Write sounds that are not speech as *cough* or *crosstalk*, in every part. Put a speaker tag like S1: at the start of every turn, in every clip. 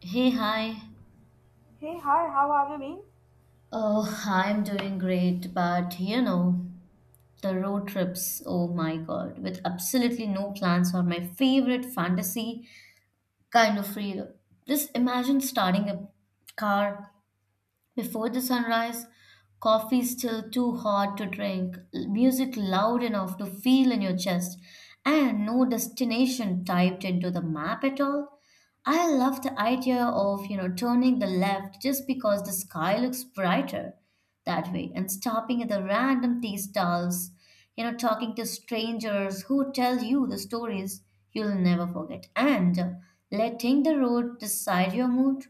S1: Hey, hi.
S2: Hey, hi, how have you been?
S1: Oh, I'm doing great, but you know, the road trips, oh my God, with absolutely no plans are my favorite fantasy kind of freedom. Just imagine starting a car before the sunrise, coffee still too hot to drink, music loud enough to feel in your chest, and no destination typed into the map at all. I love the idea of, you know, turning the left just because the sky looks brighter that way and stopping at the random tea stalls, you know, talking to strangers who tell you the stories you'll never forget, and letting the road decide your mood.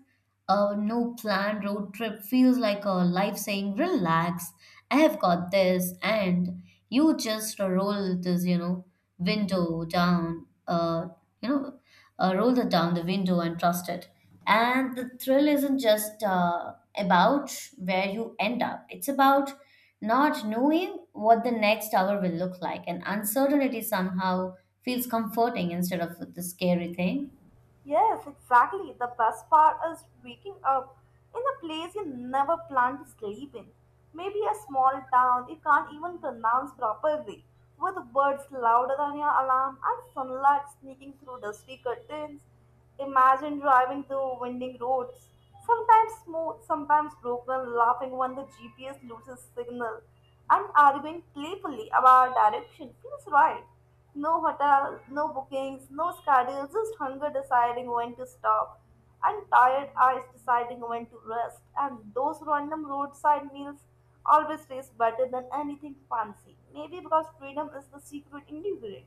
S1: A no planned road trip feels like a life saying, "Relax, I have got this," and you just roll this, you know, window down, you know, roll it down the window and trust it. And the thrill isn't just about where you end up, it's about not knowing what the next hour will look like. And uncertainty somehow feels comforting instead of the scary thing.
S2: Yes, exactly. The best part is waking up in a place you never planned to sleep in. Maybe a small town you can't even pronounce properly, with birds louder than your alarm and sunlight sneaking through dusty curtains. Imagine driving through winding roads, sometimes smooth, sometimes broken, laughing when the GPS loses signal, and arguing playfully about direction feels right. No hotel, no bookings, no schedule, just hunger deciding when to stop, and tired eyes deciding when to rest. And those random roadside meals always taste better than anything fancy. Maybe because freedom is the secret ingredient.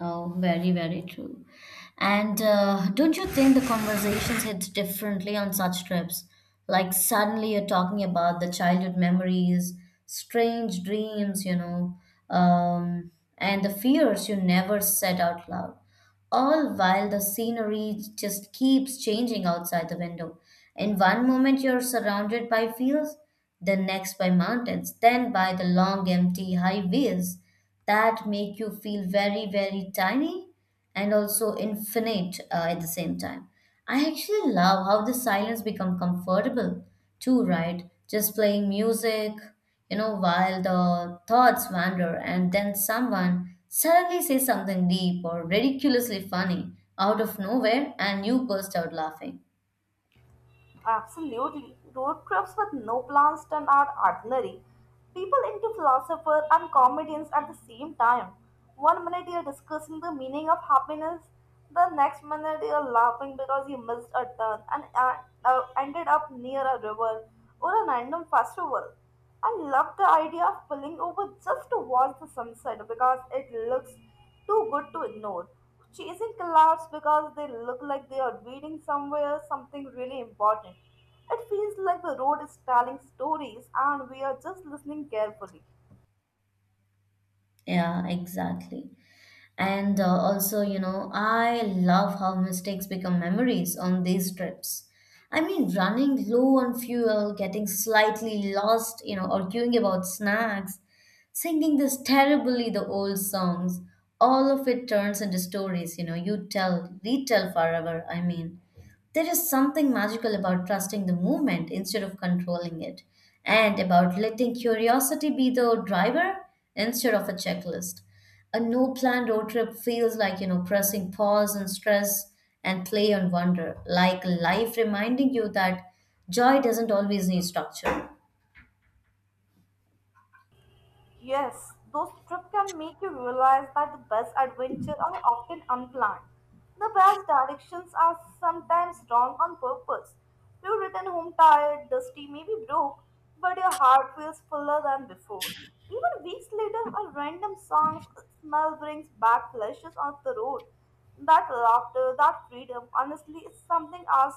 S1: Oh, very, very true. And don't you think the conversations hit differently on such trips? Like suddenly you're talking about the childhood memories, strange dreams, um, and the fears you never said out loud, all while the scenery just keeps changing outside the window. In one moment, you're surrounded by fields, the next by mountains, then by the long, empty highways that make you feel very, very tiny and also infinite at the same time. I actually love how the silence become comfortable too, right? Just playing music, you know, while the thoughts wander, and then someone suddenly says something deep or ridiculously funny out of nowhere, and you burst out laughing.
S2: Absolutely. Road trips with no plans turn out ordinary. People into philosophers and comedians at the same time. One minute you're discussing the meaning of happiness, the next minute you're laughing because you missed a turn and ended up near a river or a random festival. I love the idea of pulling over just to watch the sunset because it looks too good to ignore. Chasing clouds because they look like they are leading somewhere something really important. It feels like the road is telling stories and we are just listening carefully.
S1: Yeah, exactly. And also, you know, I love how mistakes become memories on these trips. I mean, running low on fuel, getting slightly lost, you know, arguing about snacks, singing this terribly the old songs. All of it turns into stories, you know, you tell, retell forever. I mean, there is something magical about trusting the movement instead of controlling it, and about letting curiosity be the driver instead of a checklist. A no planned road trip feels like, you know, pressing pause on stress and play on wonder, like life reminding you that joy doesn't always need structure.
S2: Yes, those trips can make you realize that the best adventures are often unplanned. The best directions are sometimes wrong on purpose. You return home tired, dusty, maybe broke, but your heart feels fuller than before. Even weeks later, a random song's smell brings back flashes of the road. That laughter, that freedom, honestly, is something else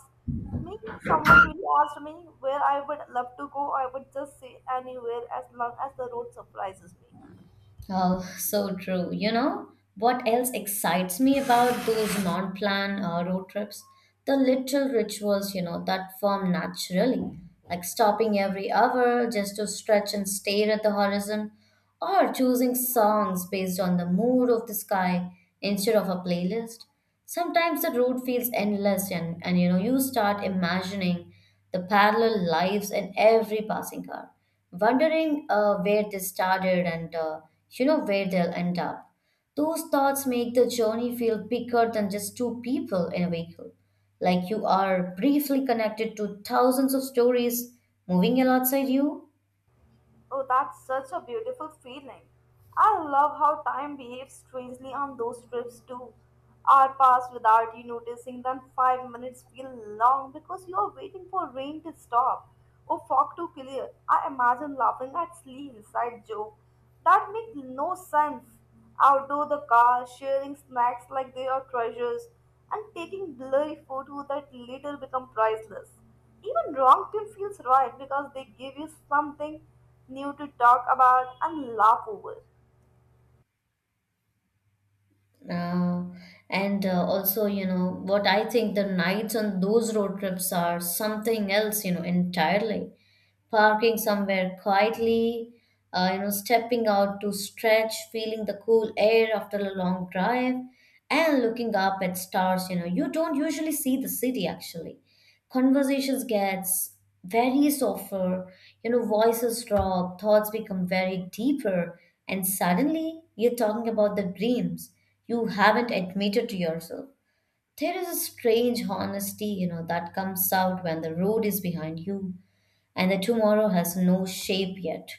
S2: me, someone really asked me where I would love to go, I would just say anywhere as long as the road surprises me.
S1: Oh, so true. You know, what else excites me about those non plan road trips? The little rituals, you know, that form naturally, like stopping every hour just to stretch and stare at the horizon, or choosing songs based on the mood of the sky instead of a playlist. Sometimes the road feels endless, and you know, you start imagining the parallel lives in every passing car, wondering where they started and you know where they'll end up. Those thoughts make the journey feel bigger than just two people in a vehicle. Like you are briefly connected to thousands of stories moving alongside you.
S2: Oh, that's such a beautiful feeling. I love how time behaves strangely on those trips too. Hour pass without you noticing, then 5 minutes feel long because you are waiting for rain to stop or fog to clear. I imagine laughing at silly inside joke that make no sense. Outdoor the car, sharing snacks like they are treasures, and taking blurry photos that later become priceless. Even wrong team feels right because they give you something new to talk about and laugh over.
S1: Uh, and also, you know, what I think the nights on those road trips are something else, you know, entirely. Parking somewhere quietly, you know, stepping out to stretch, feeling the cool air after a long drive, and looking up at stars, you know, you don't usually see the city actually. Conversations gets very softer, you know, voices drop, thoughts become very deeper, and suddenly you're talking about the dreams you haven't admitted to yourself. There is a strange honesty, you know, that comes out when the road is behind you and the tomorrow has no shape yet.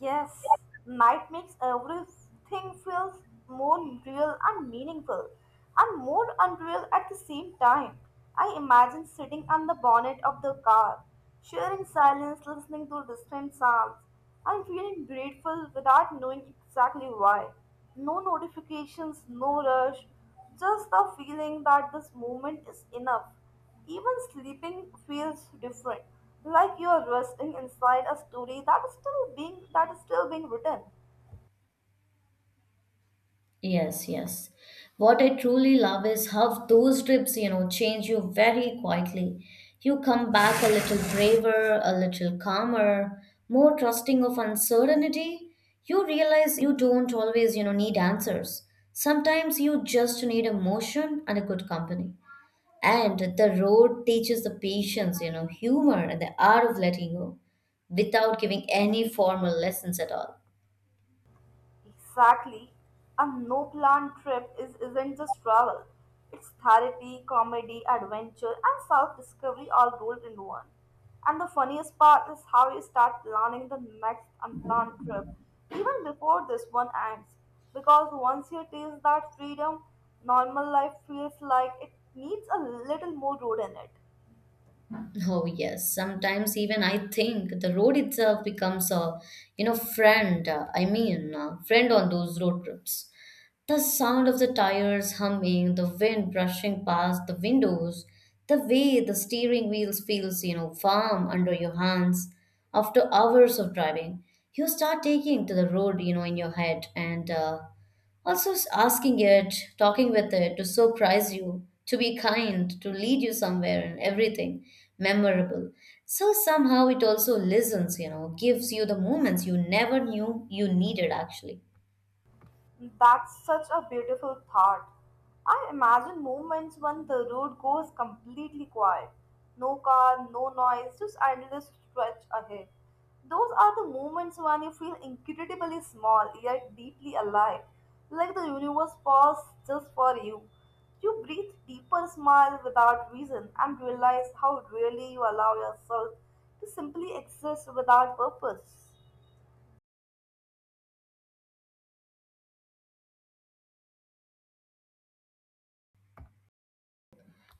S2: Yes, night makes everything feels more real and meaningful and more unreal at the same time. I imagine sitting on the bonnet of the car, sharing silence, listening to distant sounds, and feeling grateful without knowing exactly why. No notifications, no rush, just the feeling that this moment is enough. Even sleeping feels different, like you are resting inside a story that is still being written.
S1: Yes, yes. What I truly love is how those trips, you know, change you very quietly. You come back a little braver, a little calmer, more trusting of uncertainty. You realize you don't always, you know, need answers. Sometimes you just need emotion and a good company. And the road teaches the patience, you know, humor, and the art of letting go without giving any formal lessons at all.
S2: Exactly. A no plan trip is isn't just travel. It's therapy, comedy, adventure, and self-discovery all rolled into one. And the funniest part is how you start planning the next unplanned trip, even before this one ends. Because once you taste that freedom, normal life feels like it needs a little more road in it.
S1: Oh yes, sometimes even I think the road itself becomes a, you know, friend. Friend on those road trips. The sound of the tires humming, the wind brushing past the windows, the way the steering wheel feels, you know, firm under your hands. After hours of driving, you start taking to the road, you know, in your head and asking it, talking with it to surprise you, to be kind, to lead you somewhere and everything memorable. So somehow it also listens, you know, gives you the moments you never knew you needed actually.
S2: That's such a beautiful thought. I imagine moments when the road goes completely quiet. No car, no noise, just endless stretch ahead. Those are the moments when you feel incredibly small yet deeply alive, like the universe paused just for you. You breathe deeper, smile without reason, and realize how rarely you allow yourself to simply exist without purpose.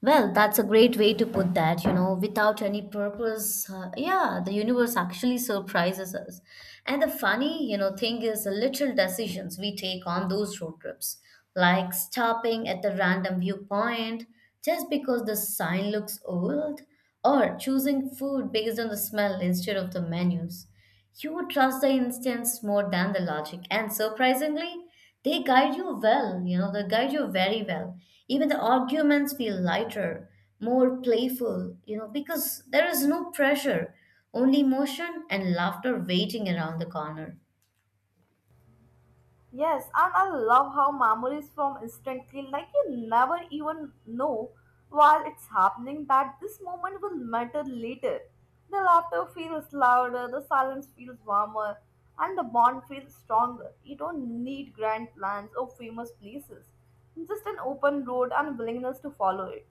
S1: Well, that's a great way to put that, you know, without any purpose. Yeah, the universe actually surprises us. And the funny, you know, thing is the little decisions we take on those road trips, like stopping at the random viewpoint just because the sign looks old, or choosing food based on the smell instead of the menus. You would trust the instincts more than the logic, and surprisingly, they guide you well. You know, they guide you very well. Even the arguments feel lighter, more playful, you know, because there is no pressure, only motion and laughter waiting around the corner.
S2: Yes, and I love how memories from instantly, like you never even know while it's happening that this moment will matter later. The laughter feels louder, the silence feels warmer, and the bond feels stronger. You don't need grand plans or famous places, just an open road and willingness to follow it.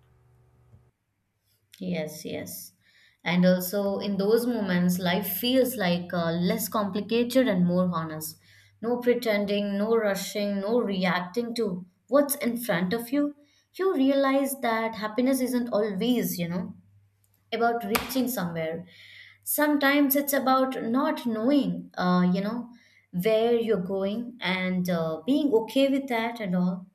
S1: Yes, yes. And also in those moments, life feels like less complicated and more honest. No pretending, no rushing, no reacting to what's in front of you. You realize that happiness isn't always, you know, about reaching somewhere. Sometimes it's about not knowing, you know, where you're going and being okay with that and all.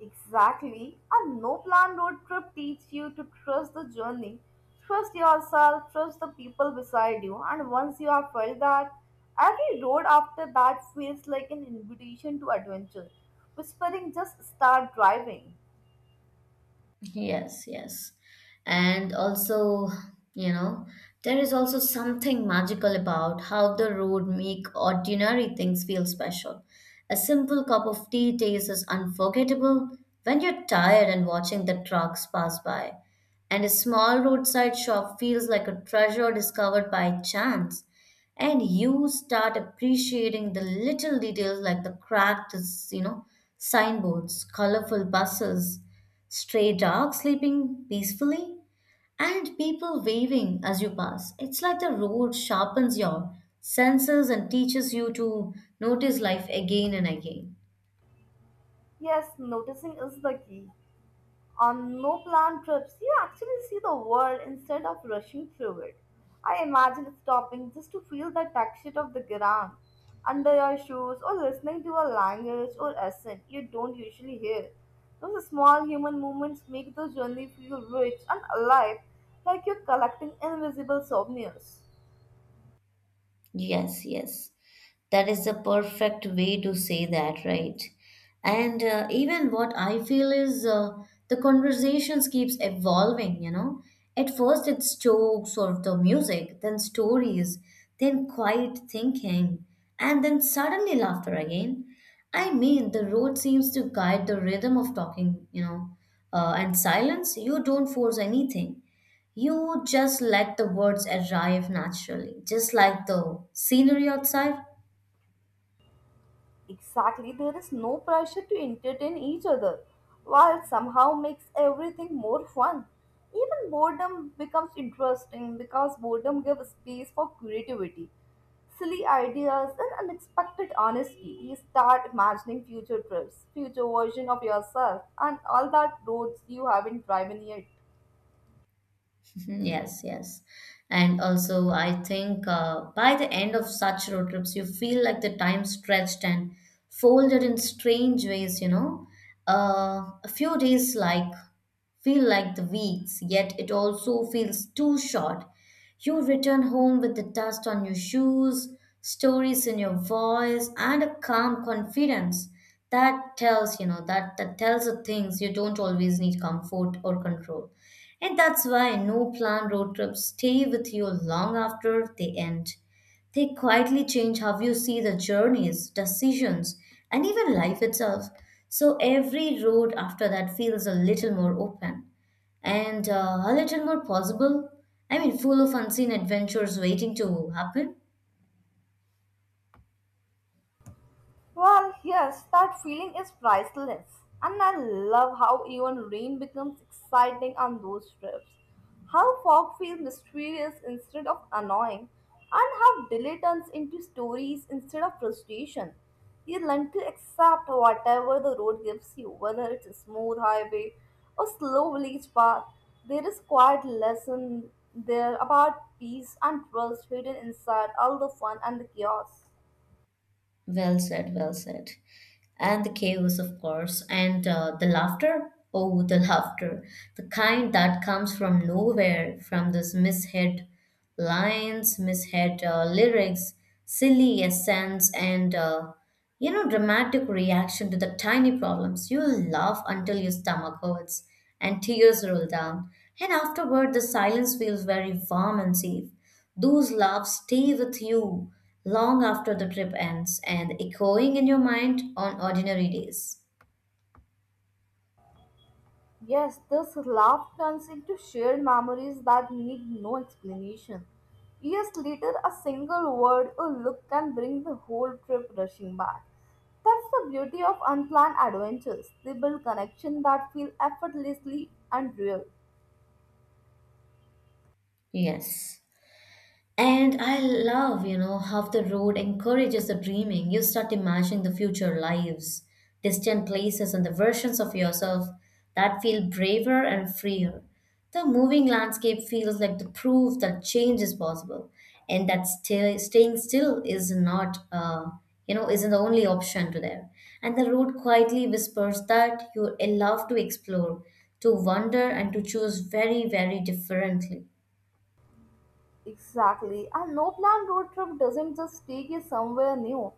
S2: Exactly. A no plan road trip teaches you to trust the journey, trust yourself, trust the people beside you, and once you have felt that, every road after that feels like an invitation to adventure. Whispering, just start driving.
S1: Yes, yes. And also, you know, there is also something magical about how the road make ordinary things feel special. A simple cup of tea taste is unforgettable when you're tired and watching the trucks pass by. And a small roadside shop feels like a treasure discovered by chance. And you start appreciating the little details like the cracked, you know, signboards, colorful buses, stray dogs sleeping peacefully, and people waving as you pass. It's like the road sharpens your senses and teaches you to notice life again and again.
S2: Yes, noticing is the key. On no plan trips, you actually see the world instead of rushing through it. I imagine stopping just to feel the texture of the ground under your shoes or listening to a language or accent you don't usually hear. Those small human movements make the journey feel rich and alive, like you're collecting invisible souvenirs.
S1: Yes, yes. That is the perfect way to say that, right? And even what I feel is the conversations keeps evolving, you know. At first it's jokes or the music, then stories, then quiet thinking, and then suddenly laughter again. I mean, the road seems to guide the rhythm of talking, you know. And silence, you don't force anything. You just let the words arrive naturally, just like the scenery outside.
S2: Exactly, there is no pressure to entertain each other, while somehow makes everything more fun. Even boredom becomes interesting because boredom gives space for creativity, silly ideas, and unexpected honesty. You start imagining future trips, future version of yourself, and all that roads you haven't driven yet.
S1: Mhm. Yes, yes. And also, I think by the end of such road trips, you feel like the time stretched and folded in strange ways, you know. A few days feel like the weeks, yet it also feels too short. You return home with the dust on your shoes, stories in your voice, and a calm confidence that tells, you know, that tells the things you don't always need comfort or control. And that's why no planned road trips stay with you long after they end. They quietly change how you see the journeys, decisions, and even life itself. So every road after that feels a little more open and a little more possible. I mean, full of unseen adventures waiting to happen.
S2: Well, yes, that feeling is priceless. And I love how even rain becomes exciting on those trips. How fog feels mysterious instead of annoying, and how delay turns into stories instead of frustration. You learn to accept whatever the road gives you, whether it's a smooth highway or slow village path. There is quite lesson there about peace and trust hidden inside all the fun and the chaos.
S1: Well said, well said. And the chaos, of course, and the laughter. Oh, the laughter. The kind that comes from nowhere, from this misheard lines, misheard lyrics, silly essence, and you know, dramatic reaction to the tiny problems. You'll laugh until your stomach hurts and tears roll down. And afterward, the silence feels very warm and safe. Those laughs stay with you long after the trip ends and echoing in your mind on ordinary days.
S2: Yes, this laugh turns into shared memories that need no explanation. Years later, a single word or look can bring the whole trip rushing back. That's the beauty of unplanned adventures. They build connections that feel effortlessly and real.
S1: Yes. And I love, you know, how the road encourages the dreaming. You start imagining the future lives, distant places, and the versions of yourself that feel braver and freer. The moving landscape feels like the proof that change is possible, and that staying still is not, you know, isn't the only option to there. And the road quietly whispers that you're allowed to explore, to wonder, and to choose very, very differently.
S2: Exactly. A no plan road trip doesn't just take you somewhere new.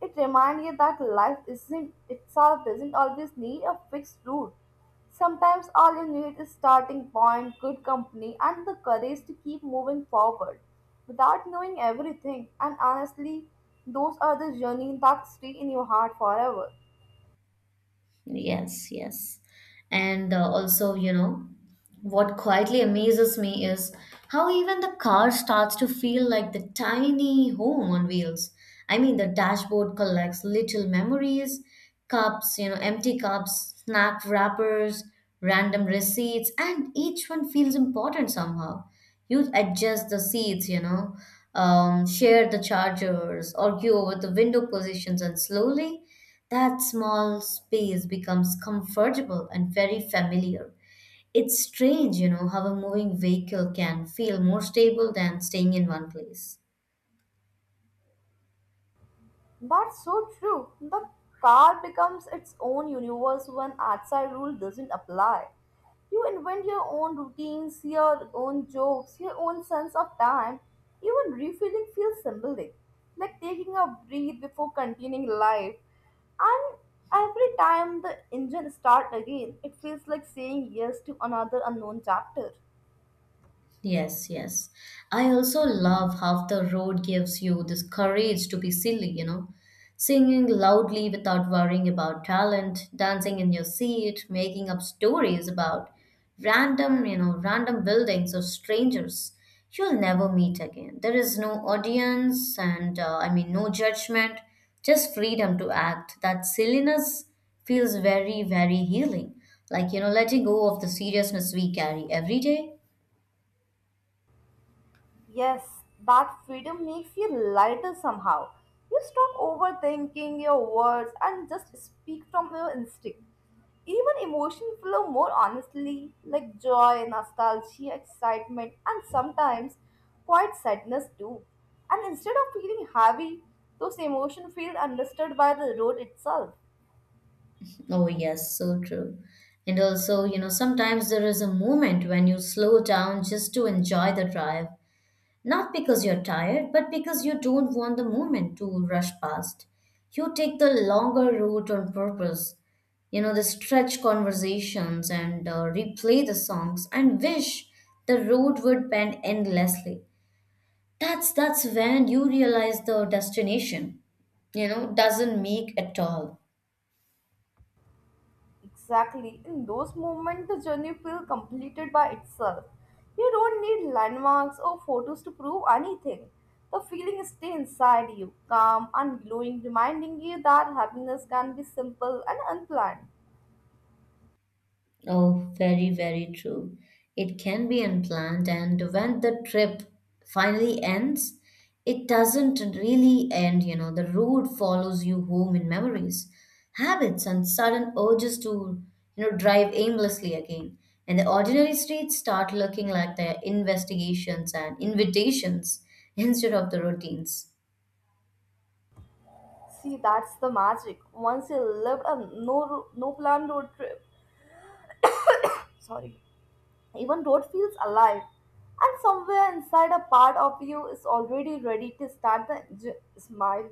S2: It reminds you that life isn't itself doesn't always need a fixed route. Sometimes all you need is starting point, good company, and the courage to keep moving forward without knowing everything. And honestly, those are the journeys that stay in your heart forever.
S1: Yes, yes. And also, you know, what quietly amazes me is how even the car starts to feel like the tiny home on wheels. I mean, the dashboard collects little memories, empty cups, snack wrappers, random receipts, and each one feels important somehow. You adjust the seats, share the chargers, argue over the window positions, and slowly that small space becomes comfortable and very familiar. It's strange, you know, how a moving vehicle can feel more stable than staying in one place.
S2: That's so true. The car becomes its own universe when outside rule doesn't apply. You invent your own routines, your own jokes, your own sense of time. Even refueling feels symbolic, like taking a breath before continuing life. And every time the engine starts again, it feels like saying yes to another unknown chapter.
S1: Yes, yes. I also love how the road gives you this courage to be silly, you know. Singing loudly without worrying about talent, dancing in your seat, making up stories about random, random buildings or strangers you'll never meet again. There is no audience and no judgment, just freedom to act. That silliness feels very, very healing. Letting go of the seriousness we carry every day.
S2: Yes, that freedom makes you lighter somehow. You stop overthinking your words and just speak from your instinct. Even emotions flow more honestly, like joy, nostalgia, excitement, and sometimes quite sadness too. And instead of feeling heavy, those emotions feel understood by the road itself.
S1: Oh, yes, so true. And also, you know, sometimes there is a moment when you slow down just to enjoy the drive, not because you're tired, but because you don't want the moment to rush past. You take the longer route on purpose, you know, the stretch conversations and replay the songs and wish the road would bend endlessly. That's when you realize the destination, you know, doesn't make at all.
S2: Exactly. In those moments, the journey feels completed by itself. You don't need landmarks or photos to prove anything. The feeling stays inside you, calm and glowing, reminding you that happiness can be simple and unplanned.
S1: Oh, very, very true. It can be unplanned, and when the trip finally ends, it doesn't really end, you know. The road follows you home in memories, habits, and sudden urges to, you know, drive aimlessly again. And the ordinary streets start looking like their investigations and invitations *laughs* instead of the routines.
S2: See, that's the magic. Once you lived a no plan road trip. Sorry. Even road feels alive, and somewhere inside a part of you is already ready to start the engine, smile,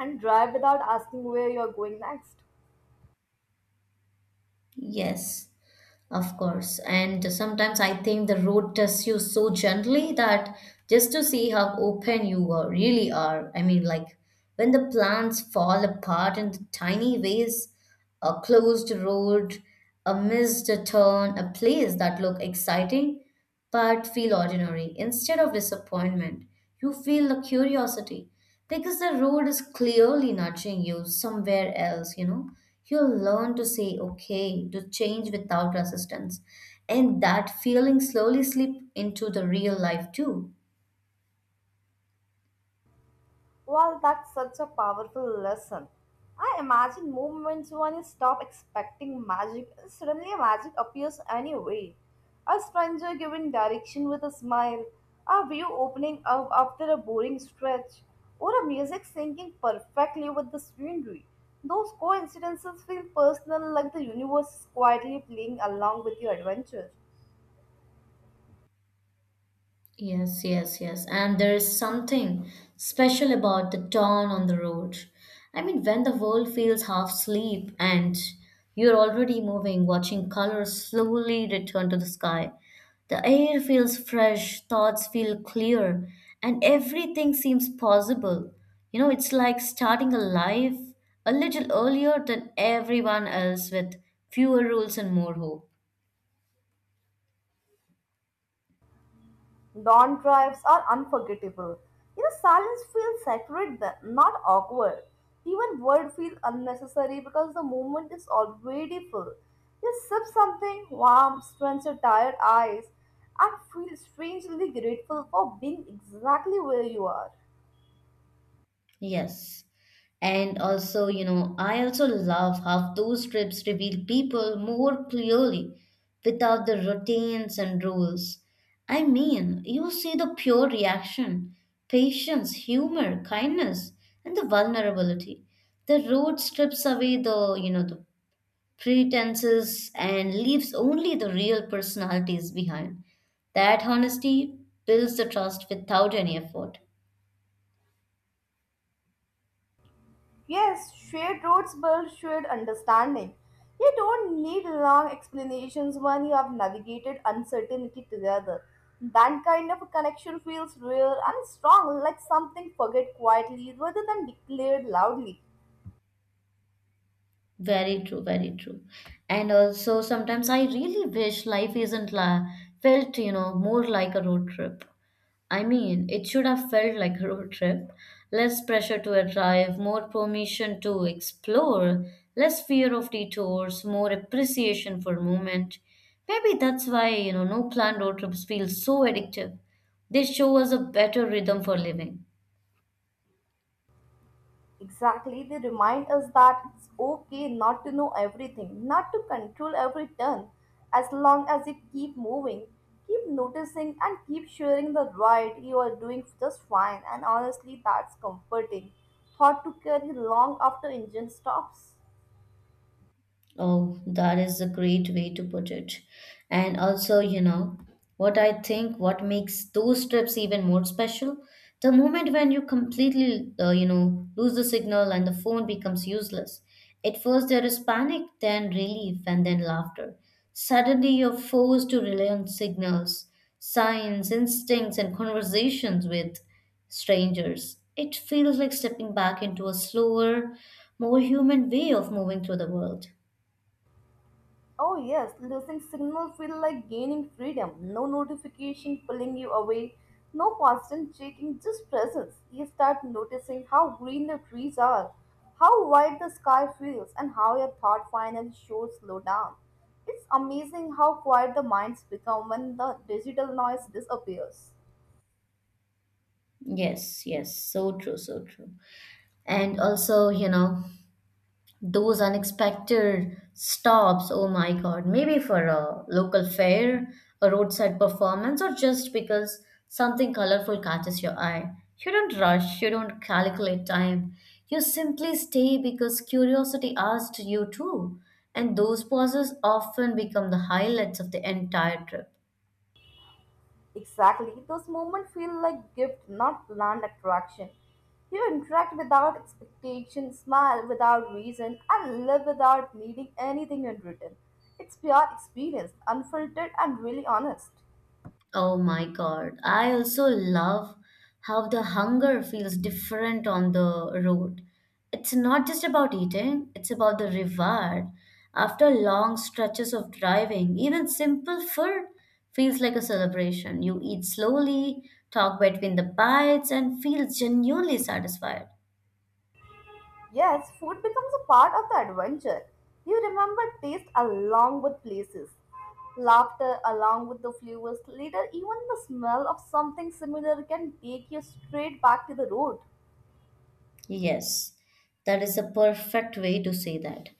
S2: and drive without asking where you're going next.
S1: Yes, of course. And sometimes I think the road tests you so gently that just to see how open you are, really are. I mean, like when the plans fall apart in the tiny ways, a closed road, a missed turn, a place that looked exciting but feel ordinary instead of disappointment. You feel the curiosity because the road is clearly nudging you somewhere else, you know. You'll learn to say okay, to change without resistance. And that feeling slowly slip into the real life too.
S2: Well, that's such a powerful lesson. I imagine moments when you stop expecting magic and suddenly magic appears anyway. A stranger giving direction with a smile, a view opening up after a boring stretch, or a music syncing perfectly with the scenery. Those coincidences feel personal like the universe is quietly playing along with your adventure.
S1: Yes, yes, yes. And there is something special about the dawn on the road. I mean, when the world feels half asleep and you're already moving, watching colors slowly return to the sky, the air feels fresh, thoughts feel clear, and everything seems possible. You know, it's like starting a life a little earlier than everyone else with fewer rules and more hope.
S2: Dawn drives are unforgettable. You know, silence feels sacred then, not awkward. Even word feels unnecessary because the moment is already full. Just sip something warm, strains your tired eyes, and feel strangely grateful for being exactly where you are.
S1: Yes. And also, you know, I also love how those trips reveal people more clearly without the routines and rules. I mean, you see the pure reaction, patience, humor, kindness, and the vulnerability. The road strips away the pretenses and leaves only the real personalities behind. That honesty builds the trust without any effort.
S2: Yes, shared roads build shared understanding. You don't need long explanations when you have navigated uncertainty together. That kind of a connection feels real and strong, like something forget quietly rather than declared loudly.
S1: Very true, very true. And also, sometimes I really wish life isn't la felt, you know, more like a road trip. I mean, it should have felt like a road trip. Less pressure to arrive, more permission to explore, less fear of detours, more appreciation for movement. Maybe that's why, you know, no planned road trips feel so addictive. They show us a better rhythm for living.
S2: Exactly, they remind us that it's okay not to know everything, not to control every turn, as long as you keep moving, keep noticing, and keep sharing the right, you are doing just fine. And honestly, that's comforting. Thought to carry long after engine stops.
S1: Oh, that is a great way to put it. And also, you know, what I think what makes those trips even more special, the moment when you completely, lose the signal and the phone becomes useless. At first there is panic, then relief, and then laughter. Suddenly you're forced to rely on signals, signs, instincts, and conversations with strangers. It feels like stepping back into a slower, more human way of moving through the world.
S2: Oh yes, losing signal feel like gaining freedom. No notification pulling you away, no constant checking, just presence. You start noticing how green the trees are, how wide the sky feels, and how your thought finally shows slow down. It's amazing how quiet the minds become when the digital noise disappears.
S1: Yes, yes, so true, so true. And also, you know, those unexpected stops, oh my God, maybe for a local fair, a roadside performance, or just because something colorful catches your eye. You don't rush, you don't calculate time. You simply stay because curiosity asked you to. And those pauses often become the highlights of the entire trip.
S2: Exactly. Those moments feel like gift, not planned attraction. You interact without expectation, smile without reason, and live without needing anything in return. It's pure experience, unfiltered and really honest.
S1: Oh my God. I also love how the hunger feels different on the road. It's not just about eating, it's about the reward. After long stretches of driving, even simple food feels like a celebration. You eat slowly, talk between the bites, and feel genuinely satisfied.
S2: Yes, food becomes a part of the adventure. You remember taste along with places, laughter along with the flavors. Later, even the smell of something similar can take you straight back to the road.
S1: Yes, that is a perfect way to say that.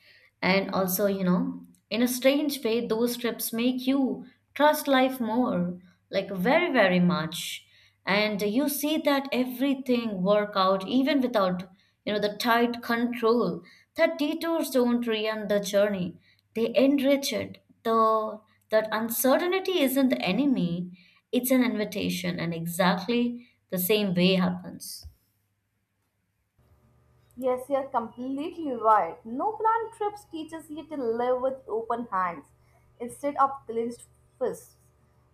S1: And also, you know, in a strange way, those trips make you trust life more, like very, very much. And you see that everything work out even without, you know, the tight control. That detours don't ruin the journey. They enrich it. The that uncertainty isn't the enemy, it's an invitation, and exactly the same way happens.
S2: Yes, you're completely right. No plan trips teaches you to live with open hands instead of clenched fists.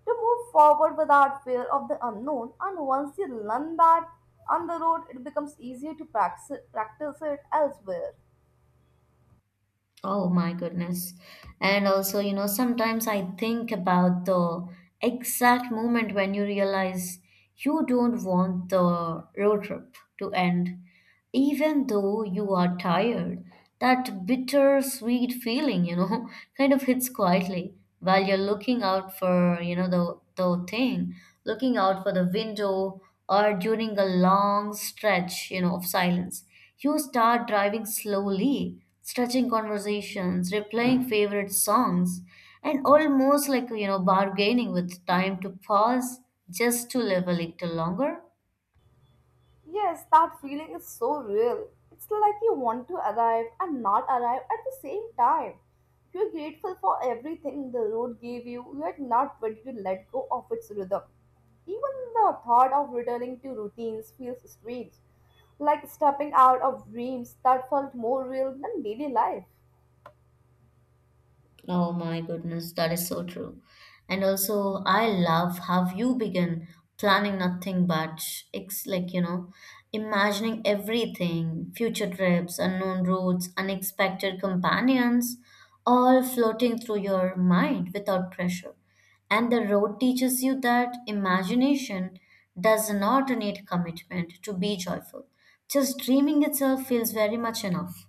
S2: To move forward without fear of the unknown, and once you learn that on the road, it becomes easier to practice it elsewhere.
S1: Oh my goodness. And also, you know, sometimes I think about the exact moment when you realize you don't want the road trip to end even though you are tired, that bittersweet feeling, you know, *laughs* kind of hits quietly while you're looking out for, you know, the thing, looking out for the window or during a long stretch, you know, of silence. You start driving slowly, stretching conversations, replaying favorite songs, and almost like, you know, bargaining with time to pause just to live a little longer.
S2: Yes, that feeling is so real. It's like you want to arrive and not arrive at the same time. You're grateful for everything the road gave you, yet not ready to let go of its rhythm. Even the thought of returning to routines feels strange, like stepping out of dreams that felt more real than daily life.
S1: Oh my goodness, that is so true. And also, I love how you begin planning nothing but it's like, you know, imagining everything, future trips, unknown routes, unexpected companions, all floating through your mind without pressure. And the road teaches you that imagination does not need commitment to be joyful. Just dreaming itself feels very much enough.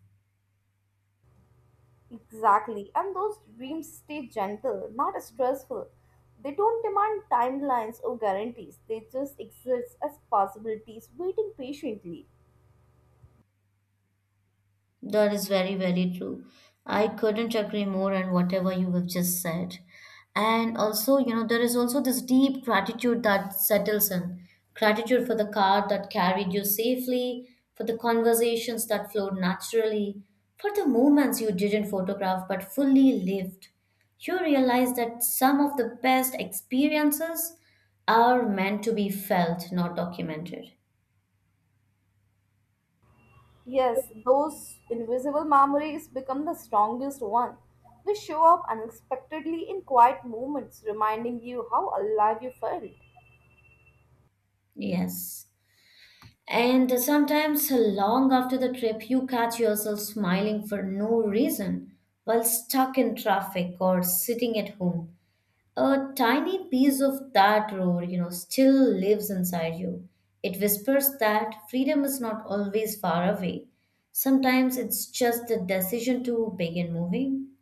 S2: Exactly. And those dreams stay gentle, not stressful. They don't demand timelines or guarantees, they just exist as possibilities waiting patiently.
S1: That is very, very true. I couldn't agree more on whatever you have just said. And also, you know, there is also this deep gratitude that settles in. Gratitude for the car that carried you safely, for the conversations that flowed naturally, for the moments you didn't photograph but fully lived. You realize that some of the best experiences are meant to be felt, not documented.
S2: Yes, those invisible memories become the strongest one. They show up unexpectedly in quiet moments, reminding you how alive you felt.
S1: Yes. And sometimes, long after the trip, you catch yourself smiling for no reason while stuck in traffic or sitting at home. A tiny piece of that roar, you know, still lives inside you. It whispers that freedom is not always far away. Sometimes it's just the decision to begin moving.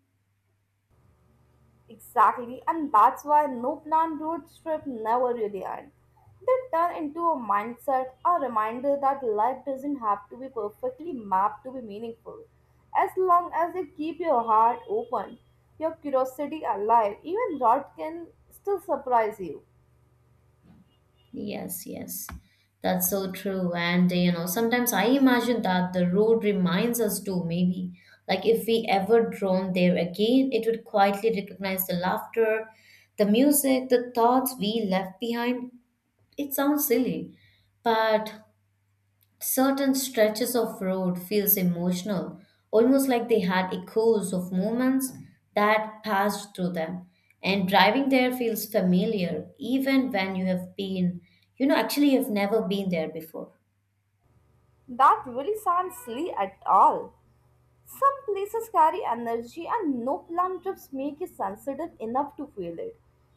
S2: Exactly, and that's why no plan road trip never really end. They turn into a mindset, a reminder that life doesn't have to be perfectly mapped to be meaningful. As long as you keep your heart open, your curiosity alive, even rot can still surprise you.
S1: Yes, yes. That's so true. And, you know, sometimes I imagine that the road reminds us too, maybe. Like if we ever drone there again, it would quietly recognize the laughter, the music, the thoughts we left behind. It sounds silly, but certain stretches of road feels emotional, almost like they had echoes of moments that passed through them. And driving there feels familiar, even when you have been, you know, actually you've never been there before.
S2: That really sounds silly at all. Some places carry energy, and no planned trips make you sensitive enough to feel it.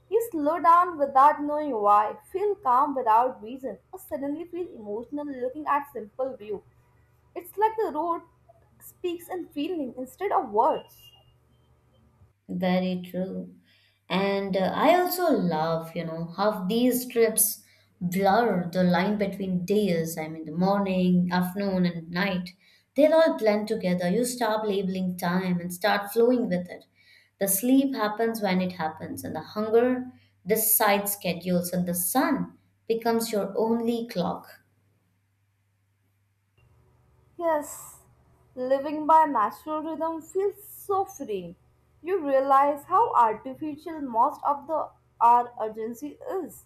S2: You slow down without knowing why, feel calm without reason, or suddenly feel emotional looking at simple view. It's like the road speaks in feeling instead of words.
S1: Very true. And I also love, you know, how these trips blur the line between days. I mean, the morning, afternoon, and night. They all blend together. You stop labeling time and start flowing with it. The sleep happens when it happens, and the hunger decides schedules, and the sun becomes your only clock.
S2: Yes, living by natural rhythm feels so freeing. You realize how artificial most of the our urgency is.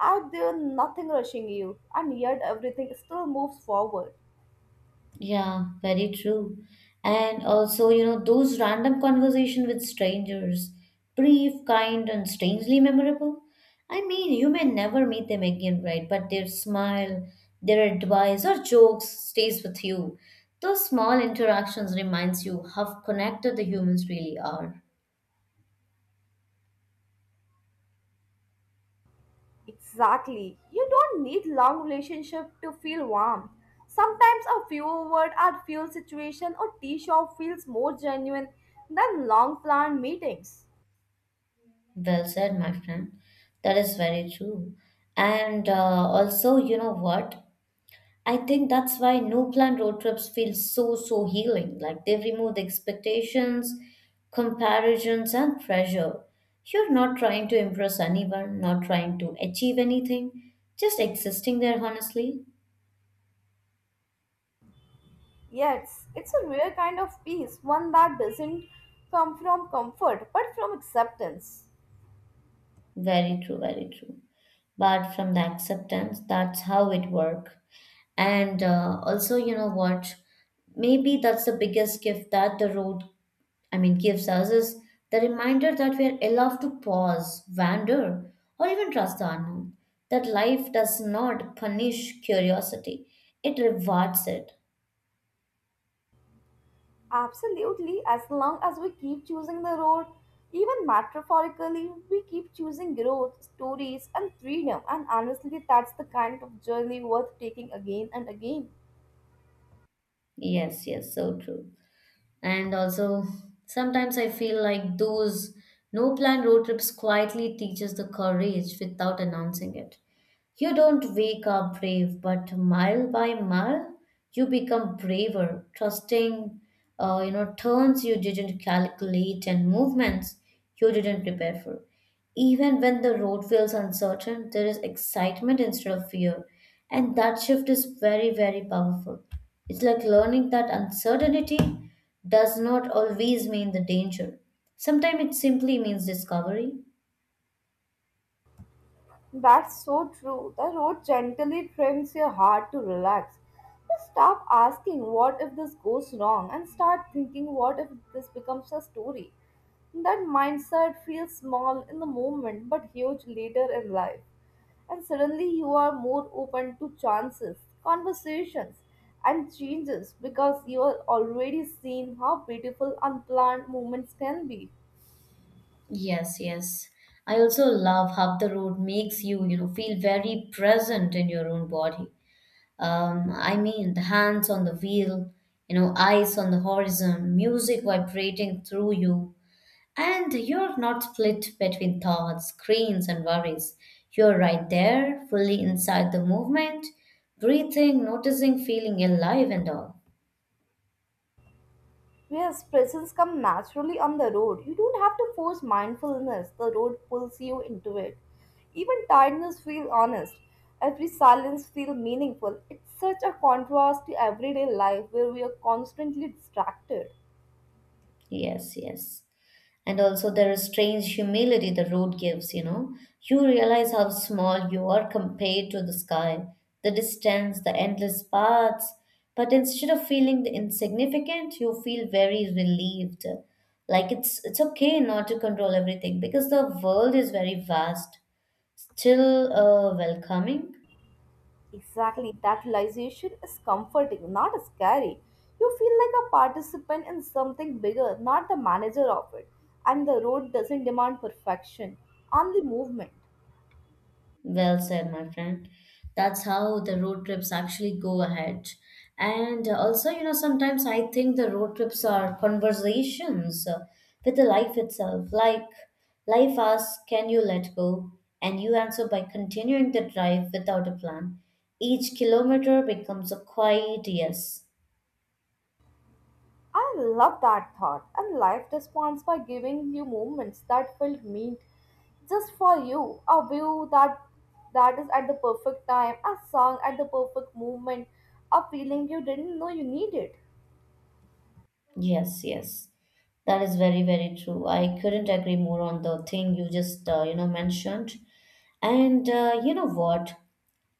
S2: Out there, nothing rushing you, and yet everything still moves forward.
S1: Yeah, very true. And also, you know, those random conversation with strangers, brief, kind, and strangely memorable. I mean, you may never meet them again, right? But their smile, their advice, or jokes stays with you. Those small interactions reminds you how connected the humans really are.
S2: Exactly. You don't need long relationship to feel warm. Sometimes a few word at fuel situation or tea shop feels more genuine than long planned meetings.
S1: Well said, my friend. That is very true. And also, you know what? I think that's why no plan road trips feel so, so healing. Like they remove the expectations, comparisons, and pressure. You're not trying to impress anyone, not trying to achieve anything, just existing there honestly.
S2: Yes, it's a rare kind of peace, one that doesn't come from comfort but from acceptance.
S1: Very true, very true. But from the acceptance, that's how it works. And also, you know what? Maybe that's the biggest gift that the road I mean, gives us is the reminder that we are allowed to pause, wander, or even trust the unknown. That life does not punish curiosity, it rewards it.
S2: Absolutely, as long as we keep choosing the road, even metaphorically, we keep choosing growth, stories, and freedom, and honestly, that's the kind of journey worth taking again and again.
S1: Yes, yes, so true. And also, sometimes I feel like those no plan road trips quietly teaches the courage without announcing it. You don't wake up brave, but mile by mile, you become braver, trusting, turns you didn't calculate and movements you didn't prepare for. Even when the road feels uncertain, there is excitement instead of fear. And that shift is very, very powerful. It's like learning that uncertainty does not always mean the danger. Sometimes it simply means discovery.
S2: That's so true. The road gently trims your heart to relax. Just stop asking, what if this goes wrong? And start thinking, what if this becomes a story? That mindset feels small in the moment but huge later in life. And suddenly you are more open to chances, conversations, and changes because you are already seeing how beautiful unplanned moments can be.
S1: Yes, yes. I also love how the road makes you, you know, feel very present in your own body. I mean, the hands on the wheel, you know, eyes on the horizon, music vibrating through you, and you're not split between thoughts, screens, and worries. You're right there, fully inside the movement, breathing, noticing, feeling alive and all.
S2: Yes, presence comes naturally on the road. You don't have to force mindfulness. The road pulls you into it. Even tiredness feels honest. Every silence feels meaningful. It's such a contrast to everyday life where we are constantly distracted.
S1: Yes, yes. And also, there is strange humility the road gives, you know. You realize how small you are compared to the sky, the distance, the endless paths. But instead of feeling insignificant, you feel very relieved. Like it's okay not to control everything because the world is very vast, still welcoming.
S2: Exactly, that realization is comforting, not scary. You feel like a participant in something bigger, not the manager of it. And the road doesn't demand perfection, only movement.
S1: Well said, my friend. That's how the road trips actually go ahead. And also, you know, sometimes I think the road trips are conversations with the life itself. Like, life asks, can you let go? And you answer by continuing the drive without a plan. Each kilometer becomes a quiet yes.
S2: I love that thought. And life responds by giving you moments that feel meant just for you. A view that is at the perfect time, a song at the perfect moment, a feeling you didn't know you needed.
S1: Yes, yes. That is very, very true. I couldn't agree more on the thing you just, mentioned. And you know what?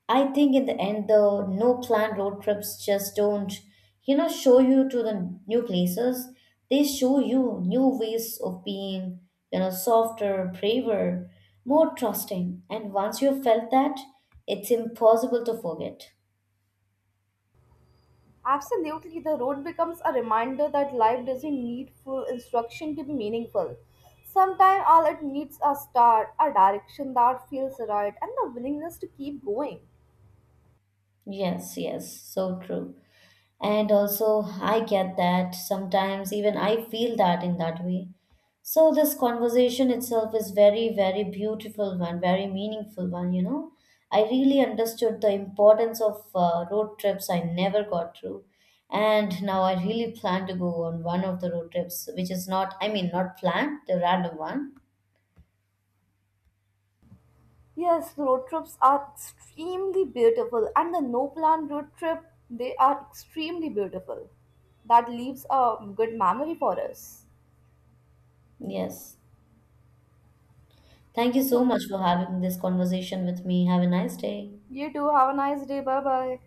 S1: I think in the end, the no plan road trips just don't, you know, show you to the new places. They show you new ways of being, you know, softer, braver, more trusting. And once you've felt that, it's impossible to forget.
S2: Absolutely, the road becomes a reminder that life doesn't need full instruction to be meaningful. Sometimes all it needs a start, a direction that feels right, and the willingness to keep going.
S1: Yes, yes, so true. And also, I get that sometimes, even I feel that in that way. So, this conversation itself is very, very beautiful one, very meaningful one, you know. I really understood the importance of road trips I never got through. And now I really plan to go on one of the road trips, which is not, I mean, not planned, the random one.
S2: Yes, road trips are extremely beautiful, and the no plan road trip, they are extremely beautiful. That leaves a good memory for us.
S1: Yes. Thank you so much for having this conversation with me. Have a nice day.
S2: You too, have a nice day. Bye bye.